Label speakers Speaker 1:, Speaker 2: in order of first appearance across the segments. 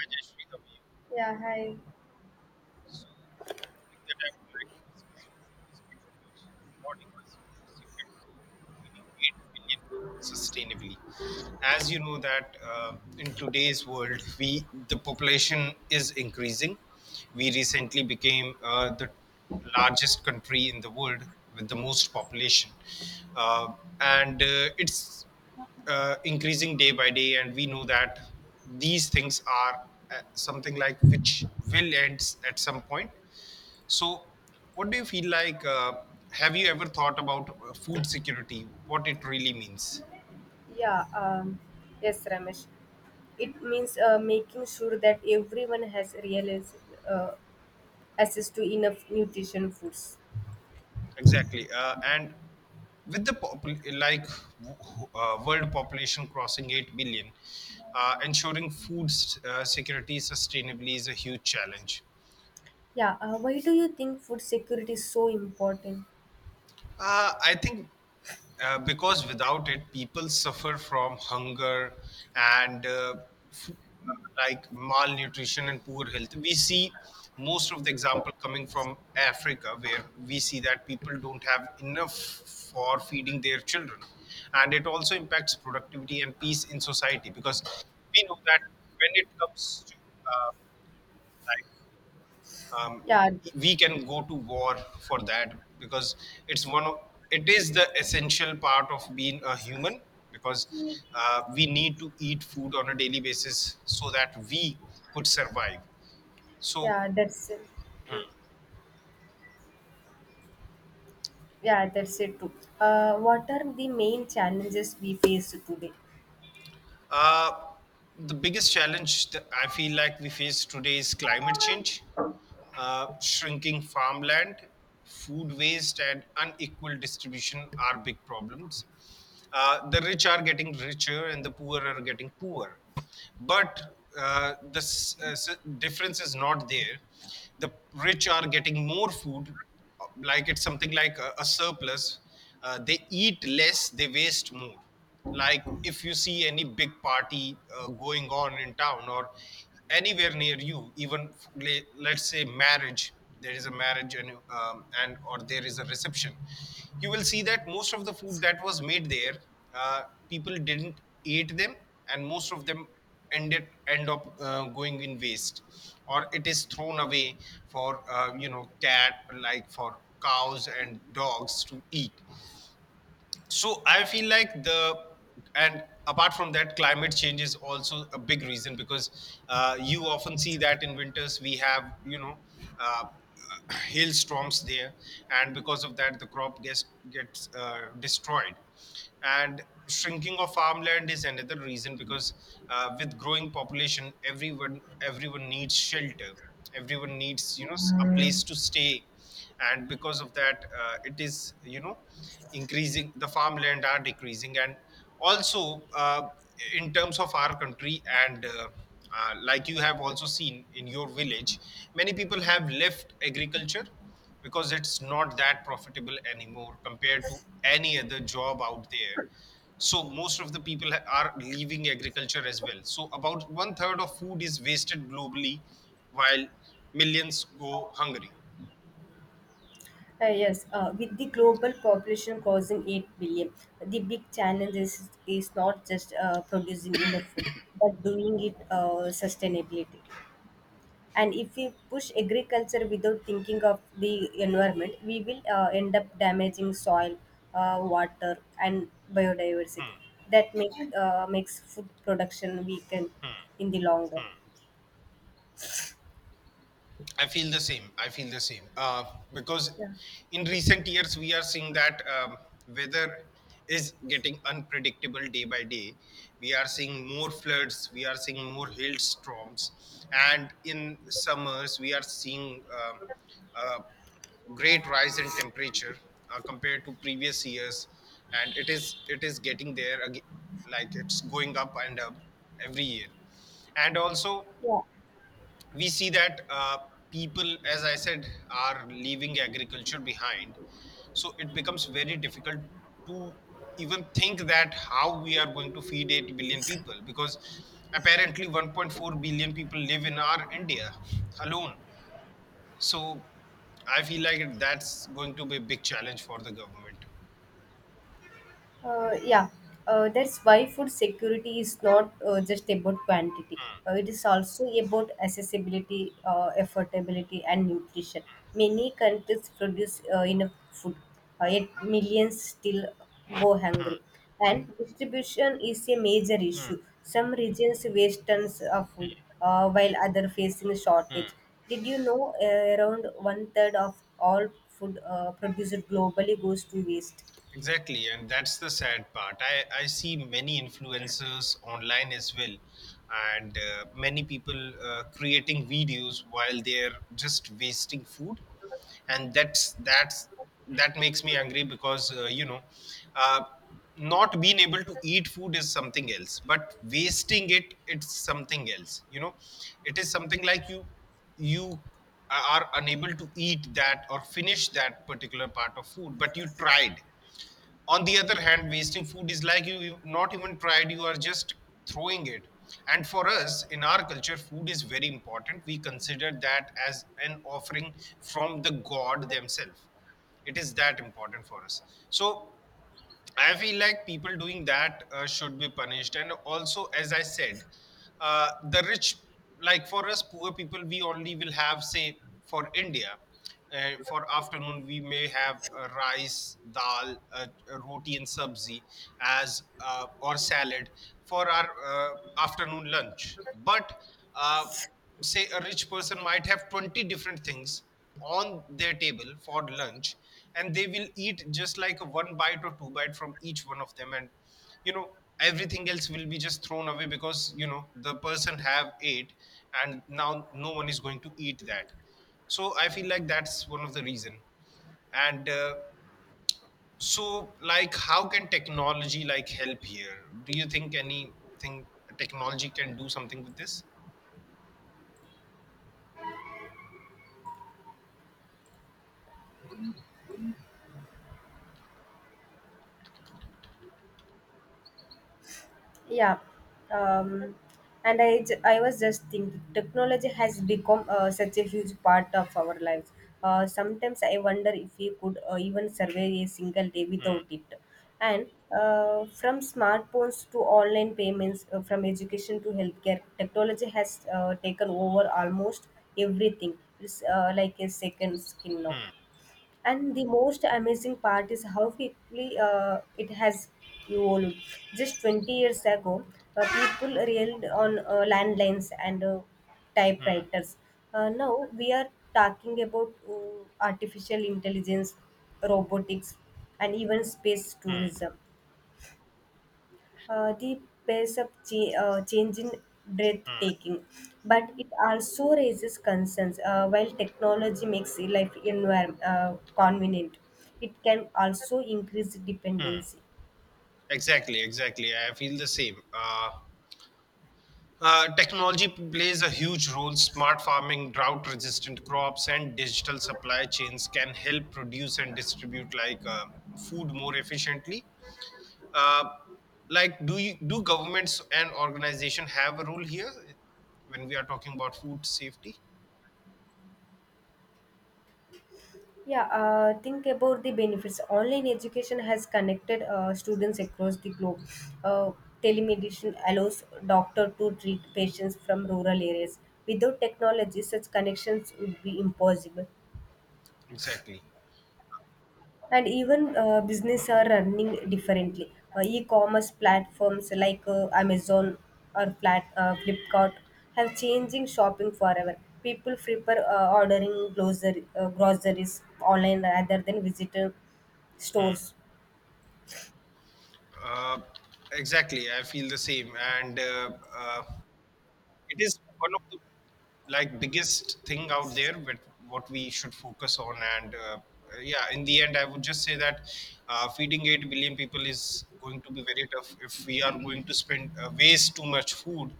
Speaker 1: Hi, Jayashree, how are you?
Speaker 2: Yeah, hi.
Speaker 1: So, the topic that I would like to discuss with you this particular recording is food security, feeding 8 billion people sustainably. As you know that in today's world, we the population is increasing. We recently became the largest country in the world with the most population, uh, and it's increasing day by day, and we know that these things are something like which will at some point. So what do you feel like? Have you ever thought about food security, what it really means?
Speaker 2: Yeah, um, yes, Ramesh. It means making sure that everyone has real uh, access to enough nutrition foods.
Speaker 1: Exactly. And with the like world population crossing 8 billion, ensuring food security sustainably is a huge challenge.
Speaker 2: Yeah, why do you think food security is so important?
Speaker 1: I think because without it, people suffer from hunger and, f- like, malnutrition and poor health. We see most of the example coming from Africa, where we see that people don't have enough for feeding their children, and it also impacts productivity and peace in society because we know that when it comes to, uh, like um,
Speaker 2: Yeah,
Speaker 1: we can go to war for that because it's one of it is the essential part of being a human, because we need to eat food on a daily basis so that we could survive. So
Speaker 2: yeah, that's it. Yeah, that's it too. What are the main challenges we face today?
Speaker 1: Uh, the biggest challenge that I feel like we face today is climate change, shrinking farmland, food waste, and unequal distribution are big problems. The rich are getting richer and the poor are getting poorer. But difference is not there. The rich are getting more food, like it's something like a surplus. They eat less, they waste more. Like, if you see any big party going on in town or anywhere near you, even let's say marriage, there is a marriage and or there is a reception, you will see that most of the food that was made there, uh, people didn't eat them, and most of them end up going in waste or it is thrown away for, you know cat like for cows and dogs to eat. So I feel like the, and apart from that, climate change is also a big reason, because you often see that in winters we have, you know, uh, hailstorms there, and because of that the crop gets destroyed. And shrinking of farmland is another reason, because with growing population, everyone needs shelter, everyone needs, you know, a place to stay, and because of that it is, you know, increasing, the farmland are decreasing. And also in terms of our country, and like, you have also seen in your village, many people have left agriculture because it's not that profitable anymore compared to any other job out there. So most of the people are leaving agriculture as well. So about one third of food is wasted globally while millions go hungry.
Speaker 2: Yes, with the global population crossing 8 billion, the big challenge is not just producing enough food, but doing it sustainability. And if we push agriculture without thinking of the environment, we will end up damaging soil, water, and biodiversity. That makes food production weaken in the long run.
Speaker 1: I feel the same. I feel the same. Because
Speaker 2: Yeah.
Speaker 1: in recent years, we are seeing that weather is getting unpredictable day by day. We are seeing more floods, we are seeing more hailstorms. And in summers, we are seeing uh, great rise in temperature compared to previous years. And it is getting there again, like it's going up and up every year. And also
Speaker 2: Yeah,
Speaker 1: we see that people, as I said, are leaving agriculture behind. So it becomes very difficult to even think that how we are going to feed 8 billion people, because apparently 1.4 billion people live in our india alone. So I feel like that's going to be a big challenge for the government.
Speaker 2: Uh, yeah, that's why food security is not just about quantity. It is also about accessibility, affordability, and nutrition. Many countries produce enough food, yet millions still go hungry. And distribution is a major issue. Some regions waste tons of food, while others facing shortage. Did you know around one third of all food produced globally goes to waste?
Speaker 1: Exactly, and that's the sad part. I see many influencers online as well, and many people creating videos while they're just wasting food, and that's that makes me angry because, you know, uh, not being able to eat food is something else, but wasting it, it's something else. You know, it is something like you, you are unable to eat that or finish that particular part of food, but you tried. On the other hand, wasting food is like you, not even tried, you are just throwing it. And for us in our culture, food is very important. We consider that as an offering from the god themselves. It is that important for us. So I feel like people doing that should be punished. And also, as I said, the rich, like for us poor people, we only will have, say, for India, for afternoon, we may have rice, dal, roti, and sabzi as or salad for our afternoon lunch. But uh, say a rich person might have 20 different things on their table for lunch, and they will eat just like a one bite or two bite from each one of them, and you know, everything else will be just thrown away, because you know, the person have ate and now no one is going to eat that. So I feel like that's one of the reason. And so, like, how can technology like help here? Do you think anything, technology can do something with this?
Speaker 2: Yeah, um, I was just thinking, technology has become such a huge part of our lives. Sometimes I wonder if we could even survive a single day without it. And from smartphones to online payments, from education to healthcare, technology has taken over almost everything. It's like a second skin now, and the most amazing part is how quickly it has evolved. Just 20 years ago, people relied on landlines and typewriters. Now we are talking about artificial intelligence, robotics, and even space tourism. The pace of change in breathtaking, but it also raises concerns. While technology makes life environment convenient, it can also increase dependency.
Speaker 1: Exactly, exactly. I feel the same. Technology plays a huge role. Smart farming, drought resistant crops, and digital supply chains can help produce and distribute, like, food more efficiently. Uh, like, do you, do governments and organization have a role here when we are talking about food safety?
Speaker 2: Yeah, think about the benefits. Online education has connected students across the globe. Uh, Telemedicine allows doctor to treat patients from rural areas. Without technology, such connections would be impossible.
Speaker 1: Exactly.
Speaker 2: And even business are running differently. E-commerce platforms like Amazon or Flipkart have changing shopping forever. People prefer ordering groceries online rather than visitor stores.
Speaker 1: Uh, exactly. I feel the same. And it is one of the, like, biggest thing out there with what we should focus on, and yeah, in the end, I would just say that feeding 8 billion people is going to be very tough if we are going to spend, waste too much food,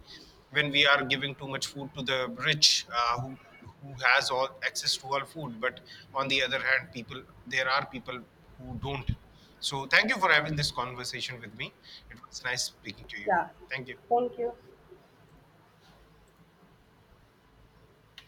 Speaker 1: when we are giving too much food to the rich, uh, who who has all access to all food, but on the other hand, people there are people who don't. So thank you for having this conversation with me. It was nice speaking to you.
Speaker 2: Yeah,
Speaker 1: Thank you.
Speaker 2: thank you.